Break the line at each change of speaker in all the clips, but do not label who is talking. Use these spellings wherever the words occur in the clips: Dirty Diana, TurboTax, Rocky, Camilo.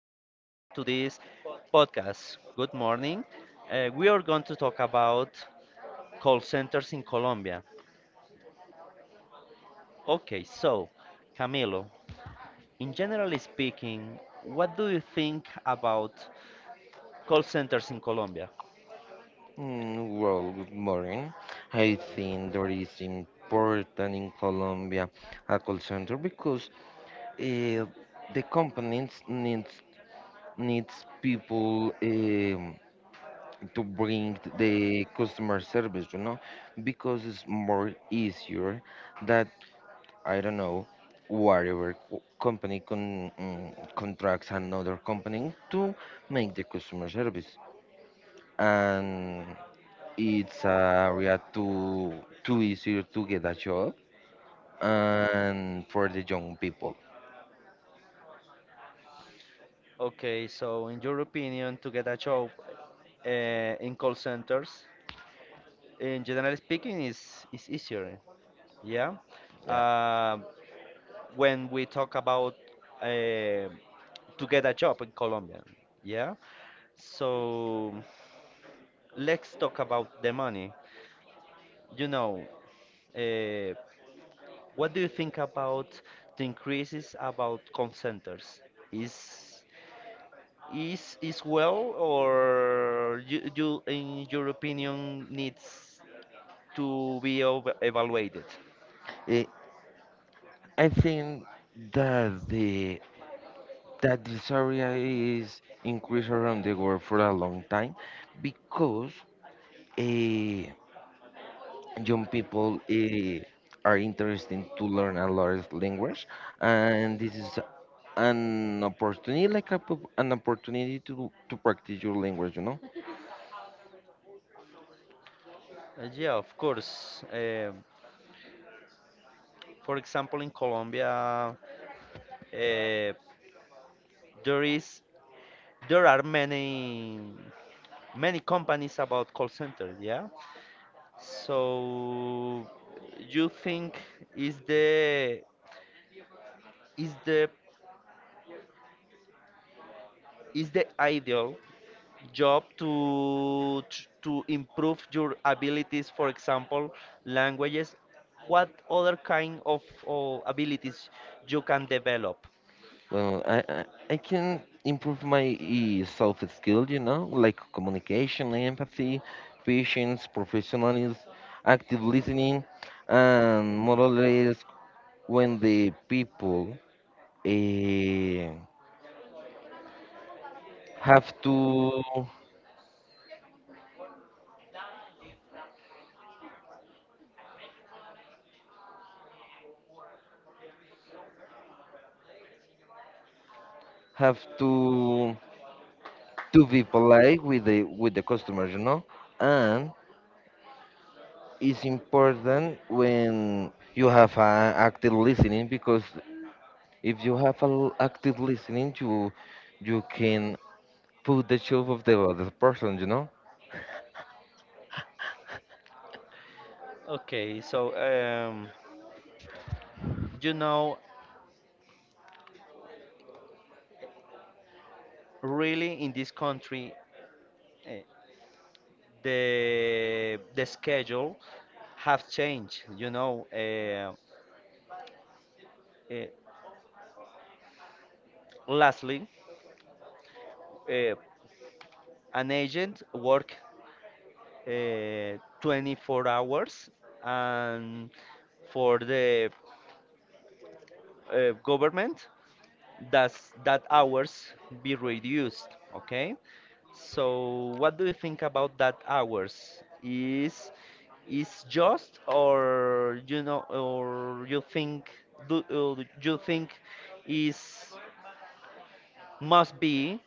this podcast. Good morning. We are going to talk about call centers in Colombia. Okay, so Camilo, in generally speaking, what do you think about call centers in Colombia?
Mm, well, good morning. I think there is important in Colombia a call center because uh, the companies needs people, to bring the customer service, you know, because it's more easier that I don't know whatever company contracts another company to make the customer service. And it's a area too easier to get a job and for the young people.
Okay, so in your opinion, to get a job in call centers, in generally speaking, is easier. Yeah.
Yeah.
Uh, when we talk about uh, to get a job in Colombia. Yeah. So let's talk about the money. You know, uh, what do you think about the increases about call centers? Is is well, or you in your opinion needs to be over evaluated?
Eh, I think that the that this area is increased around the world for a long time because eh, young people are interested to learn a lot of language, and this is an opportunity like an opportunity to practice your language, you know.
Yeah, of course. For example, in Colombia, uh, there is there are many. Many companies about call centers, yeah? So you think is the is the is the ideal job to to improve your abilities, for example, languages? What other kind of abilities you can develop?
Well, I can improve my self skill, you know, like communication, empathy, patience, professionalism, active listening, and more or less when the people eh, have to have to to be polite with the customers, you know. And it's important when you have active listening, because if you have a active listening, you can put the shoes of the other person, you know?
Okay, so you know, really in this country, the schedule have changed. You know, uh, lastly, uh, an agent work 24 hours, and for the government does that hours be reduced, okay? So what do you think about that hours is just, or you know, or you think do you think is must be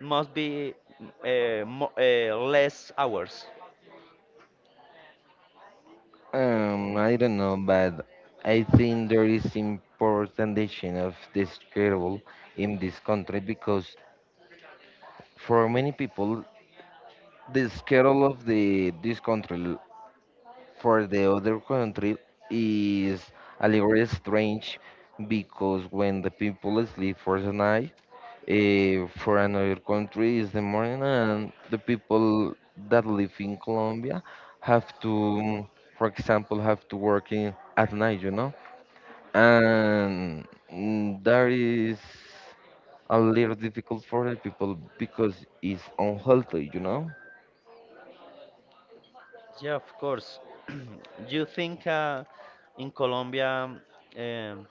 must be mo less hours?
I don't know, but I think there is important issue of the schedule in this country, because for many people, the schedule of the this country for the other country is a little strange, because when the people sleep for the night, for another country is the morning, and the people that live in Colombia have to, for example, have to work in at night, you know. And that is a little difficult for the people because it's unhealthy, you know.
Yeah, of course. You think in Colombia, um,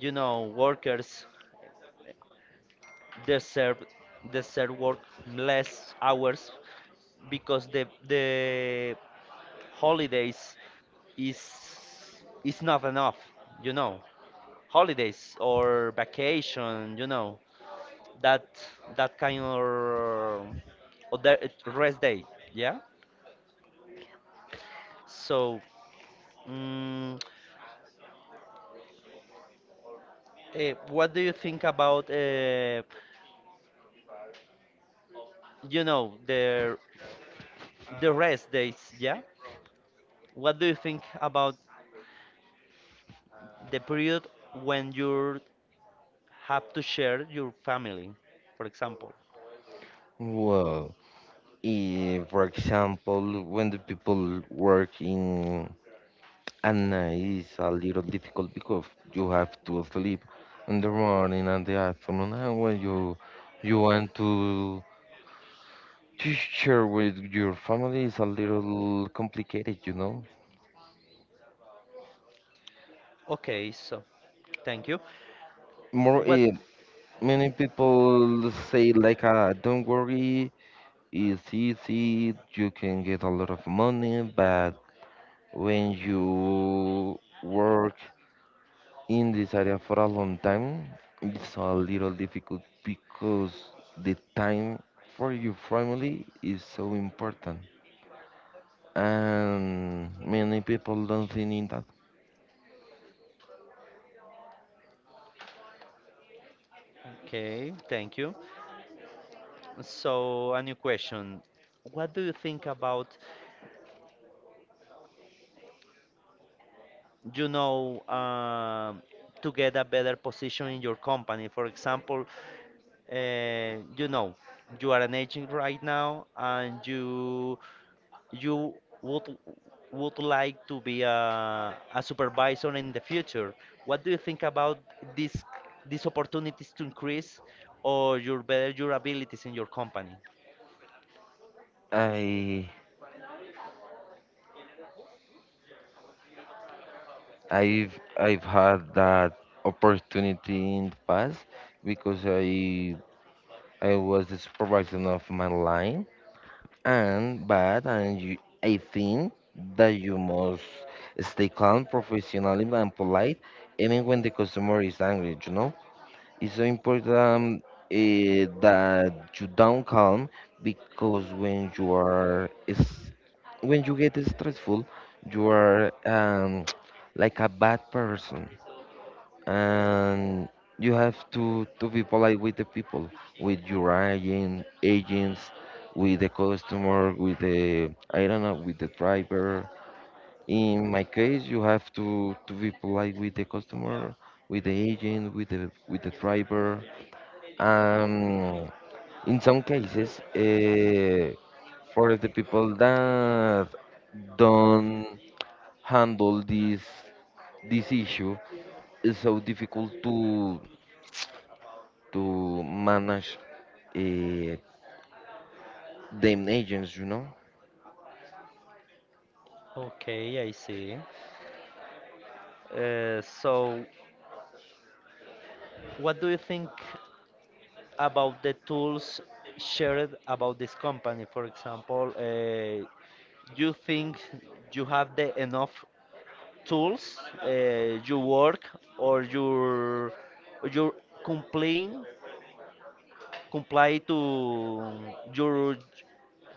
you know, workers, The serve the serve work less hours because the holidays is is not enough, you know, holidays or vacation, you know, that that kind of other rest day, yeah? So mm, what do you think about you know, the rest days, yeah? What do you think about the period when you're have to share your family, for example.
Well, for example, when the people work in, and it's a little difficult because you have to sleep in the morning and the afternoon. And when you want to share with your family, it's a little complicated, you know.
Okay, so thank you.
More,
What?
many people say like, "Don't worry, it's easy. You can get a lot of money." But when you work in this area for a long time, it's a little difficult because the time for your family is so important, and many people don't think in that.
Okay, thank you. So a new question. What do you think about, you know, to get a better position in your company? For example, you know, you are an agent right now, and you would would like to be a supervisor in the future. What do you think about these these opportunities to increase or your better your abilities in your company?
I I've had that opportunity in the past, because I was the supervisor of my line. And but and you, I think that you must stay calm, professional, and polite, even when the customer is angry. You know, it's so important, that you down calm, because when you are is when you get stressful, you are, like a bad person. And you have to be polite with the people, with your agents, with the customer, with the, I don't know, with the driver. In my case, you have to be polite with the customer, with the agent, with the driver. um in some cases, for the people that don't handle this issue, it's so difficult to manage, uh, them agents, you know?
Okay, I see. So, what do you think about the tools shared about this company? For example, do you think you have the enough tools uh, you work, or your complain, comply to your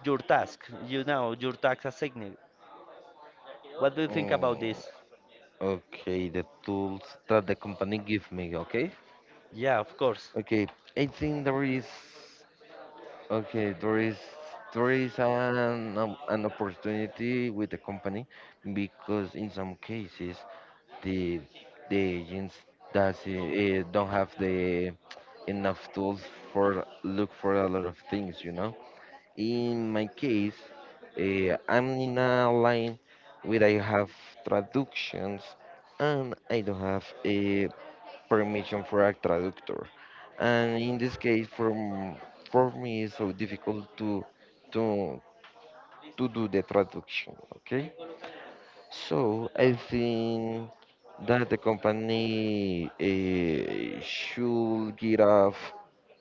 your task, you know, your task assigned? What do you think about
Mm,
this?
okay, the tools that the company give me, okay?
Yeah, of course,
Okay, I think there is, okay, there is, there is an opportunity with the company, because in some cases the the agents does don't have the enough tools for look for a lot of things, you know? In my case, I'm in a line where I have traductions and I don't have a permission for a traductor. And in this case, from for me, it's so difficult to to to do the traduction. Okay, so I think that the company should give us,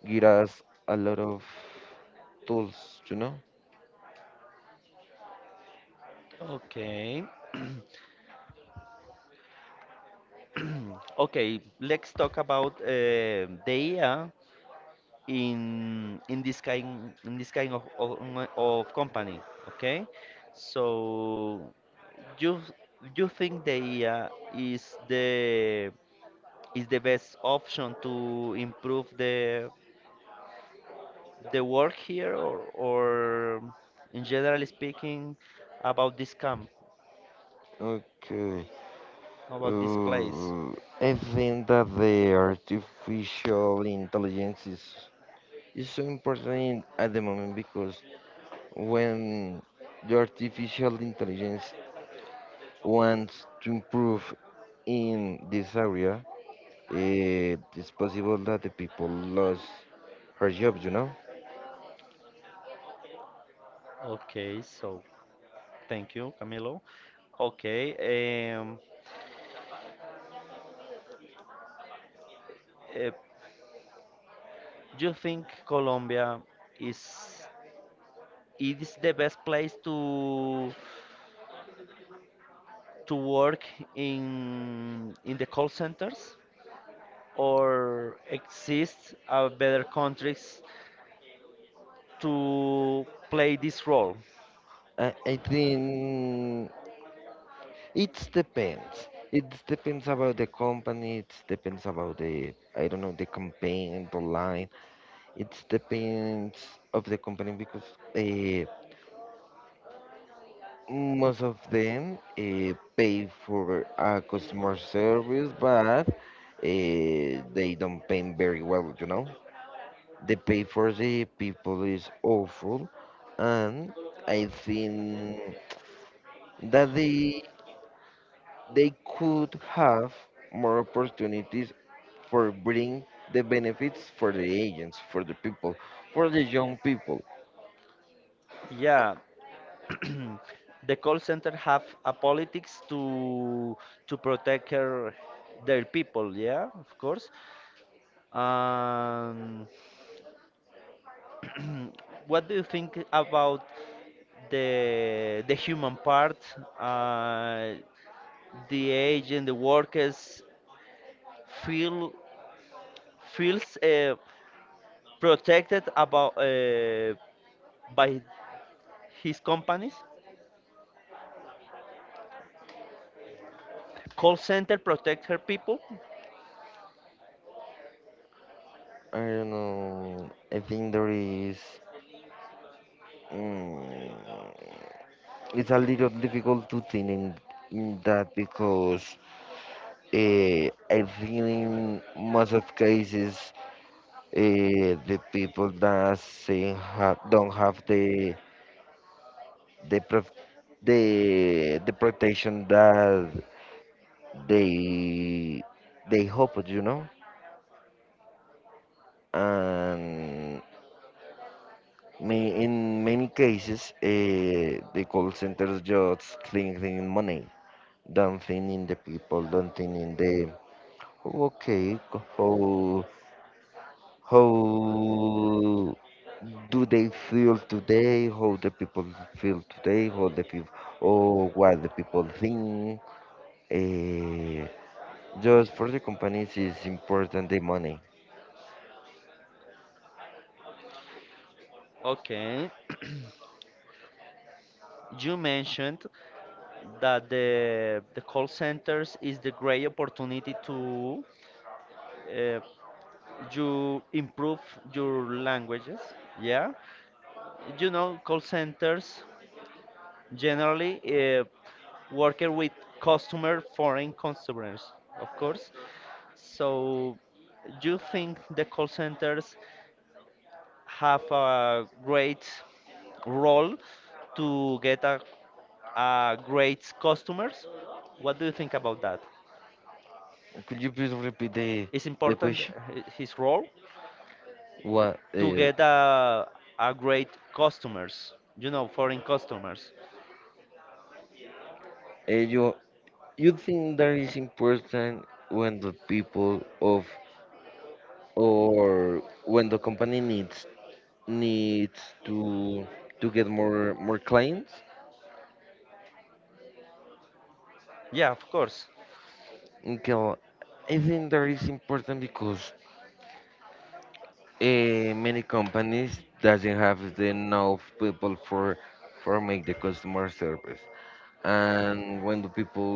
give us a lot of tools, you know.
okay. Okay, let's talk about the AI in this kind, in this kind of company, okay? So you you think the IA is the best option to improve the work here or in general speaking about this camp,
Okay.
about this place?
Uh, I think that the artificial intelligence is so important in- at the moment, because when the artificial intelligence wants to improve in this area, it is possible that the people lose her jobs, you know?
Okay, so thank you, Camilo. Okay. um uh, do you think Colombia is it's the best place to work in the call centers, or exist a better countries to play this role?
I think it depends. It depends about the company, it depends about the, I don't know, the campaign, the line. It depends of the company because, uh, most of them pay for a customer service, but they don't pay very well, you know. The pay for the people is awful, and I think that they could have more opportunities for bring the benefits for the agents, for the people, for the young people.
Yeah. The call center have a politics to protect her, their people, yeah, of course. um, what do you think about the human part, uh, the age and the workers feel feels protected about by his companies. Call center protect her people.
I don't know. I think there is. Mm, it's a little difficult to think in that, because I think in most of cases, the people that say have, don't have the, the prof, the protection that they they hope, you know. And May, in many cases, the call centers just think in money, don't think in the people, don't think in the, "Oh, okay, how how do they feel today, how the people feel today, how the people, oh, what the people think." Uh, just for the companies is important the money.
Okay. You mentioned that the call centers is the great opportunity to uh, you improve your languages. Yeah, you know, call centers generally uh, working with customer foreign customers, of course. So you think the call centers have a great role to get a great customers? What do you think about that?
Could you please repeat the
Is important
question?
his role
What?
to get a great customers, you know, foreign customers?
And you think that is important when the people of, or when the company needs needs to get more clients?
Yeah, of course.
Okay, well, I think that is important because, many companies doesn't have the enough people for make the customer service. And when the people,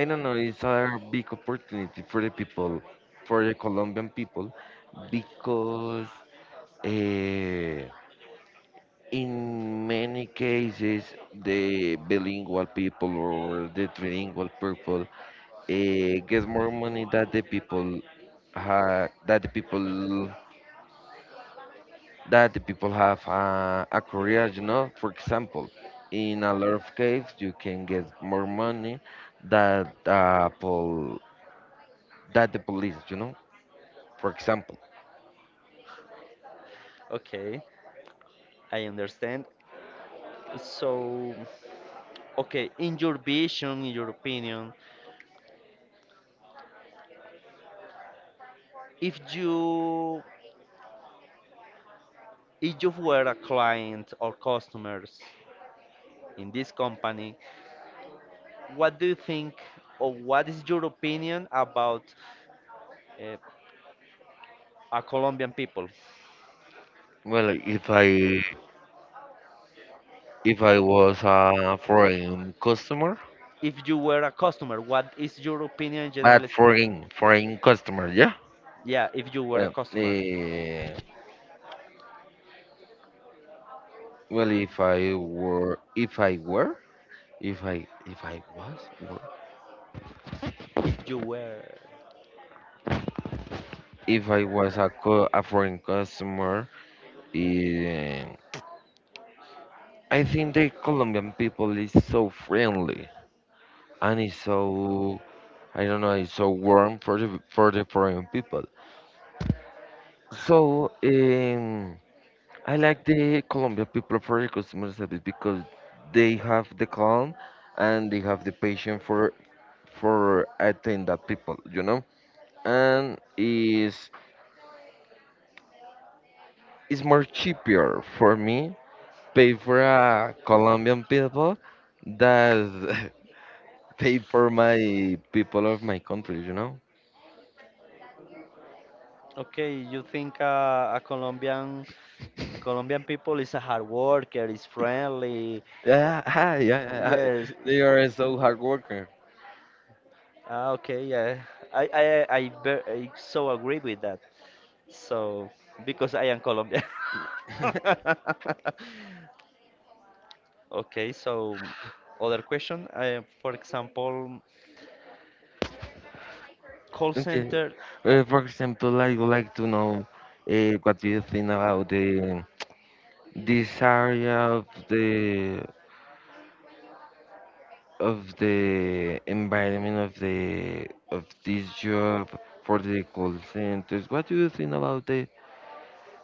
I don't know, it's a big opportunity for the people, for the Colombian people, because eh, in many cases the bilingual people or the trilingual people get more money that the people, that the people, have a career, you know, for example. In a lot of cases you can get more money that, that the police, you know, for example.
Okay, I understand. So okay, in your vision, in your opinion, if you if you were a client or customers in this company, what do you think, or what is your opinion about uh, a Colombian people?
Well, if I, if I was a foreign customer,
If you were a customer, what is your opinion,
but
generally speaking?
foreign foreign customer, yeah.
Yeah, if you were a
Well,
customer,
well, if I were if I,
if you were,
if I was a, a foreign customer, eh. I think the Colombian people is so friendly, and is so, I don't know, it's so warm for the, for the foreign people. So, I like the Colombian people for the customer service, because they have the calm and they have the patience for, attend that people, you know. And is more cheaper for me pay for a Colombian people than pay for my people of my country, you know.
okay, you think a Colombian people is a hard worker, is friendly,
Yeah, hi, yeah, yeah. I-
yes.
they are so hard worker.
Ah, okay, yeah. I so agree with that. So because I am Colombian. Okay, so other question. For example, call
Okay.
center.
For example, I would like to know, what do you think about the this area of the, of the environment of the, of this job for the call centers. What do you think about the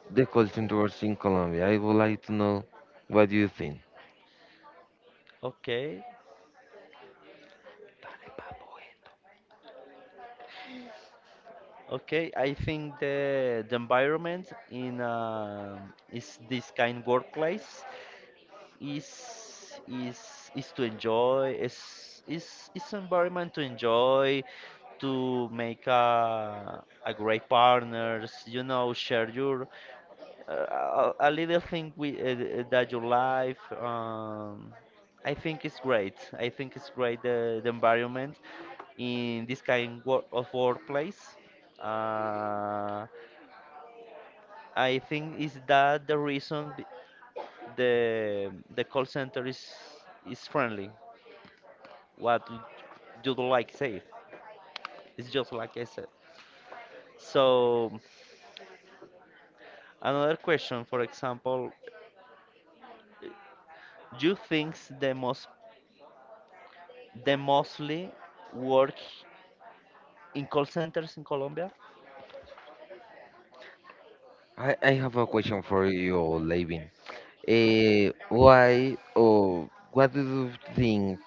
call centers in Colombia? I would like to know what do you think.
Okay, okay. I think the environment in is this kind workplace is to enjoy, is environment to enjoy, to make a great partners, you know, share your a little thing we that your life. I think it's great. I think it's great the environment in this kind of workplace. uh, I think is that the reason the call center is friendly. What you do like say, it's just like I said. So another question, for example, you think the most, the mostly work in call centers in Colombia?
I have a question for you, Levin. Eh, why, or what do you think,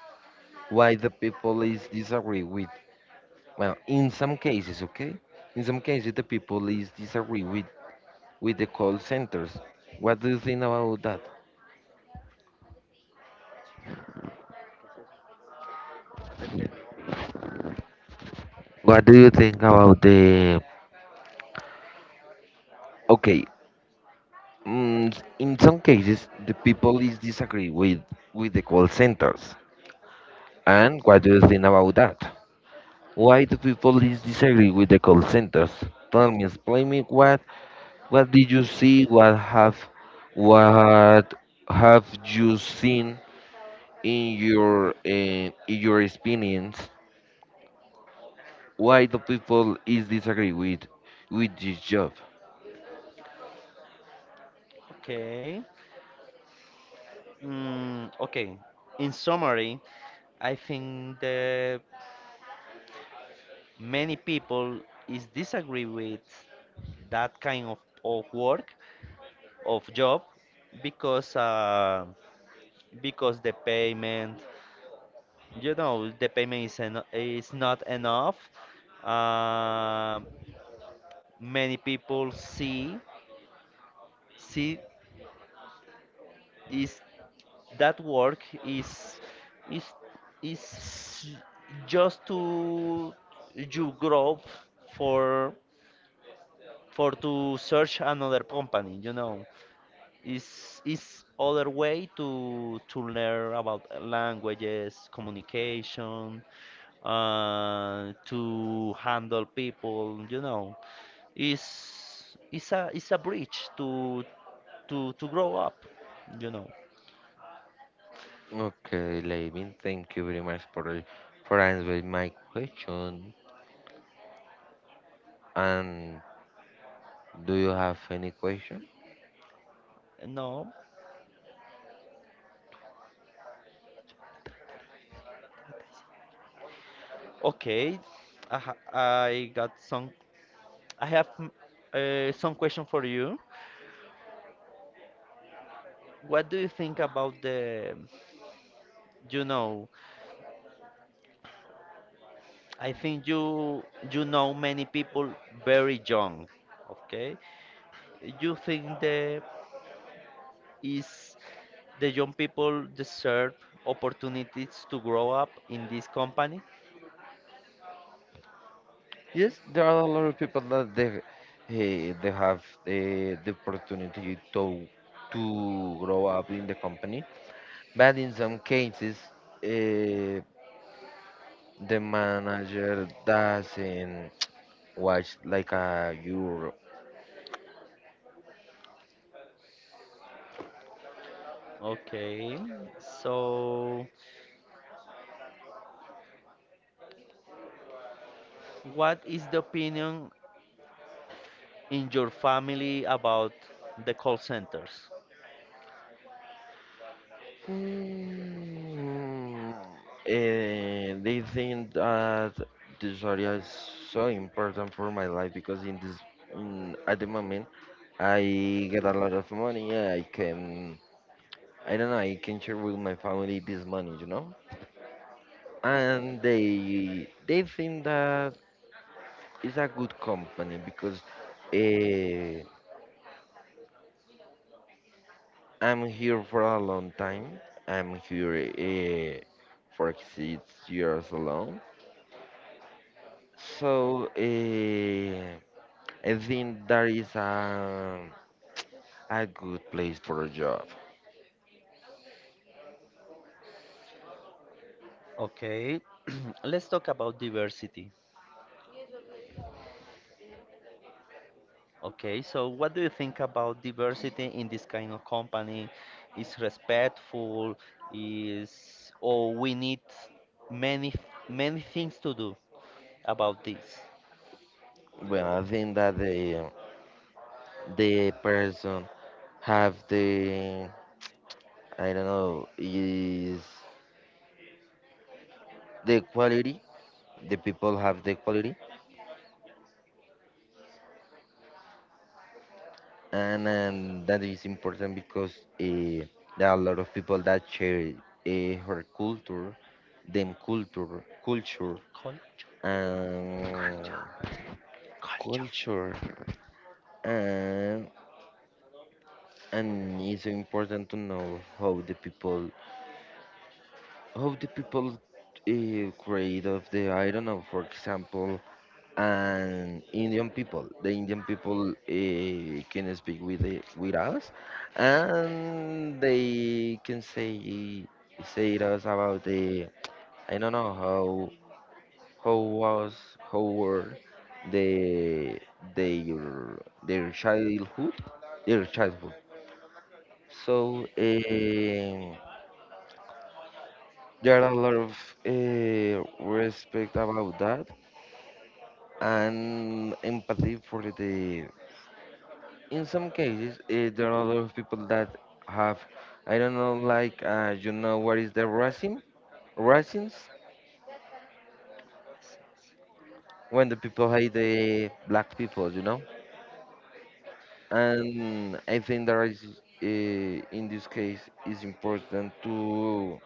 why the people is disagree with? Well, in some cases, okay? In some cases, the people is disagree with the call centers. What do you think about that? What do you think about the, okay? Mm, in some cases, the people is disagree with the call centers. And what do you think about that? Why do people is disagree with the call centers? Tell me, explain me what. What did you see? What have, what have you seen in your, in your experience? Why do people is disagree with this job?
Okay. Okay. In summary, I think that many people is disagree with that kind of work, of job, because uh, because the payment, you know, the payment is is not enough. uh, Many people see is that work is is just to you grow for for to search another company, you know. Is other way to learn about languages, communication, to handle people. You know, is is a bridge to grow up. You know,
Okay, Levin, thank you very much for answering my question. And do you have any question?
no, okay, I got some. I have some question for you. What do you think about the, you know, I think you you know many people very young, okay? You think the is the young people deserve opportunities to grow up in this company?
Yes, there are a lot of people that they, they have the opportunity to to grow up in the company. But in some cases, uh, the manager doesn't watch like a Euro.
Okay. So what is the opinion in your family about the call centers?
Mm, they think that this area is so important for my life, because in this, in, at the moment, I get a lot of money. I can, I don't know, I can share with my family this money, you know. And they think that it's a good company because, uh, I'm here for a long time. I'm here, for 6 years alone. So, I think that is a good place for a job.
Okay. Let's talk about diversity. Okay, so what do you think about diversity in this kind of company? Is respectful? Is, or we need many many things to do about this?
Well, I think that the person have the, I don't know, is the quality. The people have the quality, and that is important because, uh, there are a lot of people that share, her culture, them culture, culture,
Cul-
and
Culture.
culture, and and it's so important to know how the people create of the, I don't know, for example, and Indian people. The Indian people can speak with the, with us, and they can say, say to us about the, I don't know, how was, how were the, their childhood, their childhood. So, there are a lot of respect about that, and empathy for the, in some cases, there are a lot of people that have, I don't know, like, you know what is the racism, racism when the people hate the black people, you know. And I think there is, in this case is important to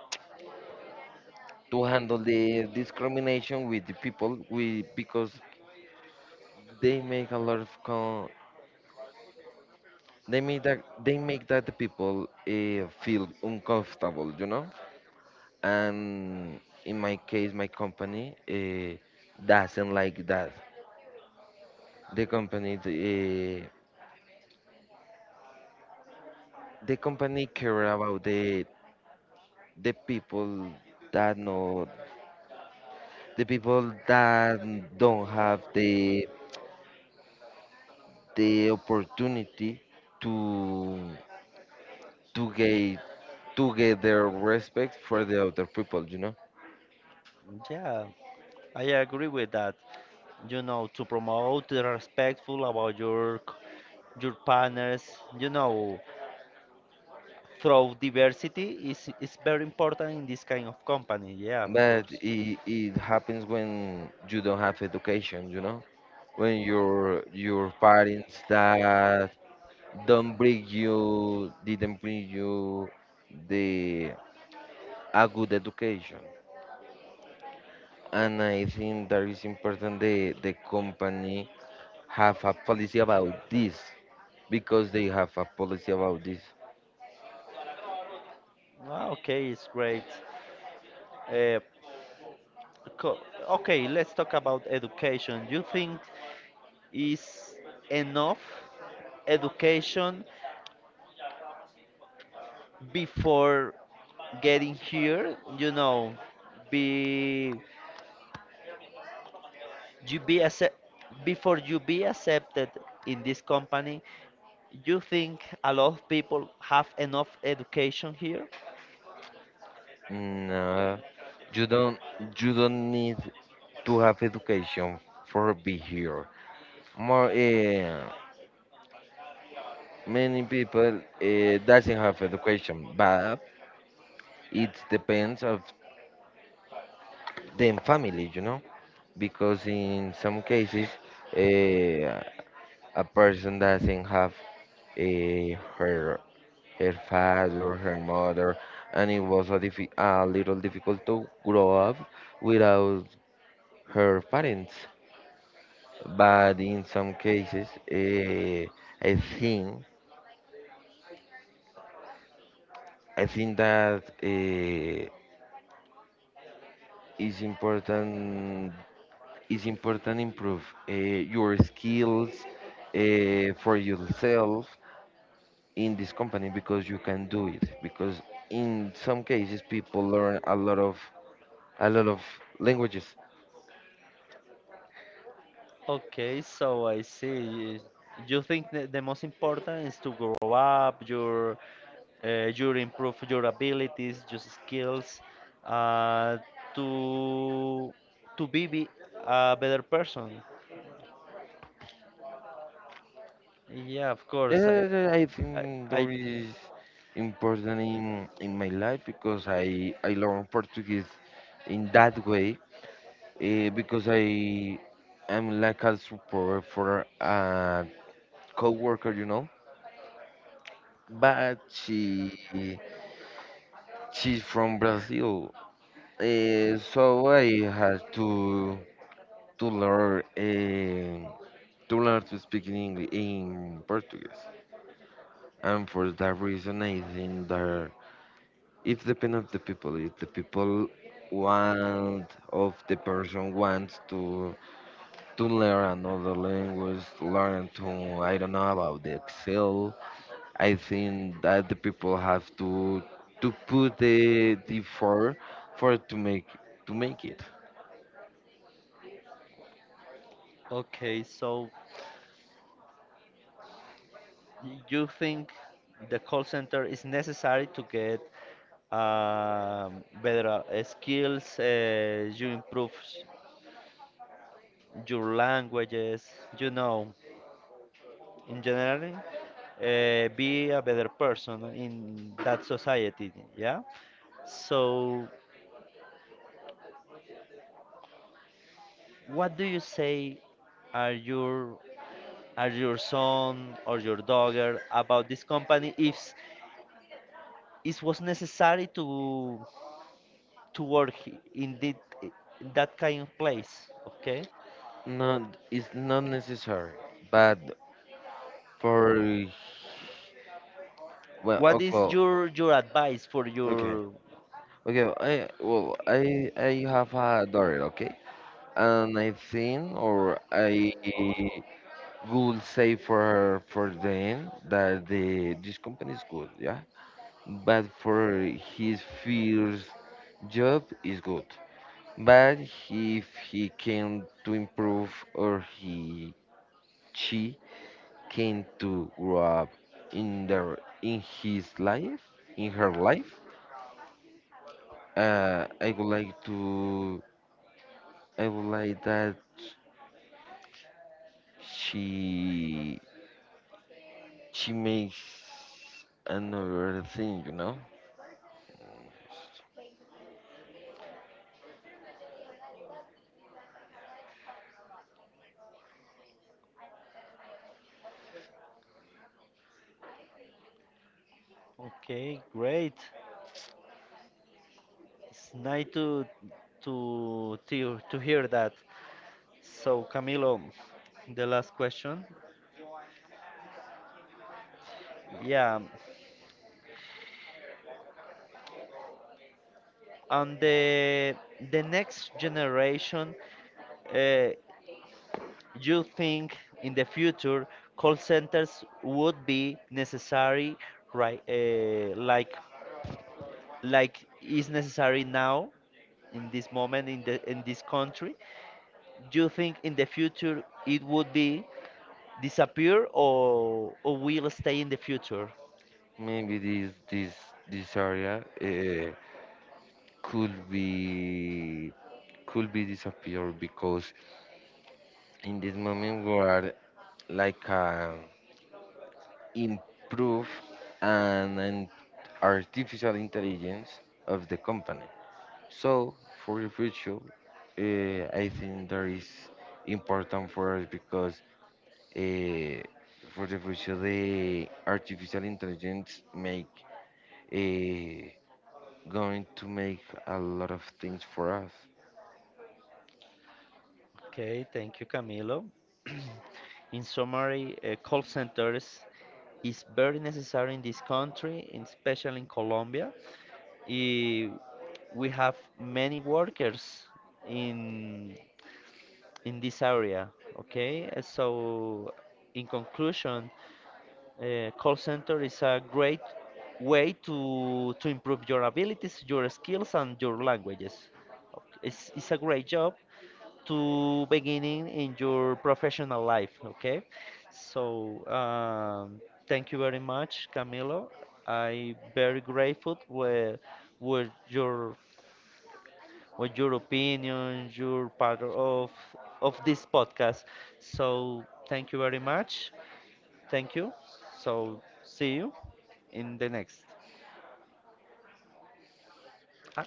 handle the discrimination with the people, we, because they make a lot of con, they make that, they make that the people feel uncomfortable, you know. And in my case my company, doesn't like that. The company, the company care about the people that know, the people that don't have the opportunity to get, their respect for the other people, you know.
Yeah, I agree with that. You know, to promote the respectful about your your partners. You know, through diversity is very important in this kind of company. Yeah, of
But
course.
it happens when you don't have education, you know, when your parents that don't bring you, didn't bring you the a good education. And I think that is important the company have a policy about this, because they have a policy about this.
Ah, okay, it's great. Eh, Co- Okay, let's talk about education. You think is enough education before getting here? You know, be you be accept, before you be accepted in this company. You think a lot of people have enough education here?
No, you don't, need to have education for be here. More, many people doesn't have education, but it depends of the family, you know, because in some cases, uh, a person doesn't have a, her father, her mother, and it was a, a little difficult to grow up without her parents. But in some cases, I think that, it's important, improve, your skills, for yourself in this company, because you can do it, because in some cases people learn a lot of, a lot of languages.
Okay, so I see. You think that the most important is to grow up, your improve your abilities, your skills, uh, to to be a better person. Yeah, of course.
I think
I, I
there is important in my life, because I learn Portuguese in that way, because I am like a support for a coworker, you know, but she, she's from Brazil. So I had to learn, to learn to speak in English in Portuguese. And for that reason, I think that it depends on the people. If the people want, of the person wants to learn another language, to learn to, I don't know, about the Excel. I think that the people have to put the effort for to make, it.
okay. So you think the call center is necessary to get better skills? You improve your languages, you know, in general, be a better person in that society, yeah? So, what do you say are your are your son or your daughter about this company, if it was necessary to work in the, in that kind of place, okay?
Not, it's not necessary, but for, well,
What is
okay,
your advice for
okay,
your,
okay. I, well, I have a daughter, okay, and I think, or I would say for them that the this company is good, yeah, but for his first job is good, but if he can to improve, or he, she came to grow up in their, in his life, in her life. I would like to. I would like that she she makes another thing, you know.
okay, great. It's nice to to hear that. So Camilo, the last question. Yeah, on the next generation, uh, you think in the future call centers would be necessary, right? Like is necessary now in this moment, in the in this country. Do you think in the future it would be disappear, or will stay in the future?
Maybe this this area, could be, disappeared, because in this moment we are like, improve and artificial intelligence of the company. So for the future, I think that is important for us, because, uh, for the future, the artificial intelligence make, uh, going to make a lot of things for us.
Okay, thank you, Camilo. In summary, call centers is very necessary in this country, and especially in Colombia. Eh, we have many workers in in this area. Okay. So in conclusion, call center is a great way to improve your abilities, your skills, and your languages. Ok, it's a great job to beginning in your professional life, okay? So thank you very much, Camilo. I very grateful with your with your opinion, your part of this podcast. So thank you very much. Thank you. So see you in the next. Ah,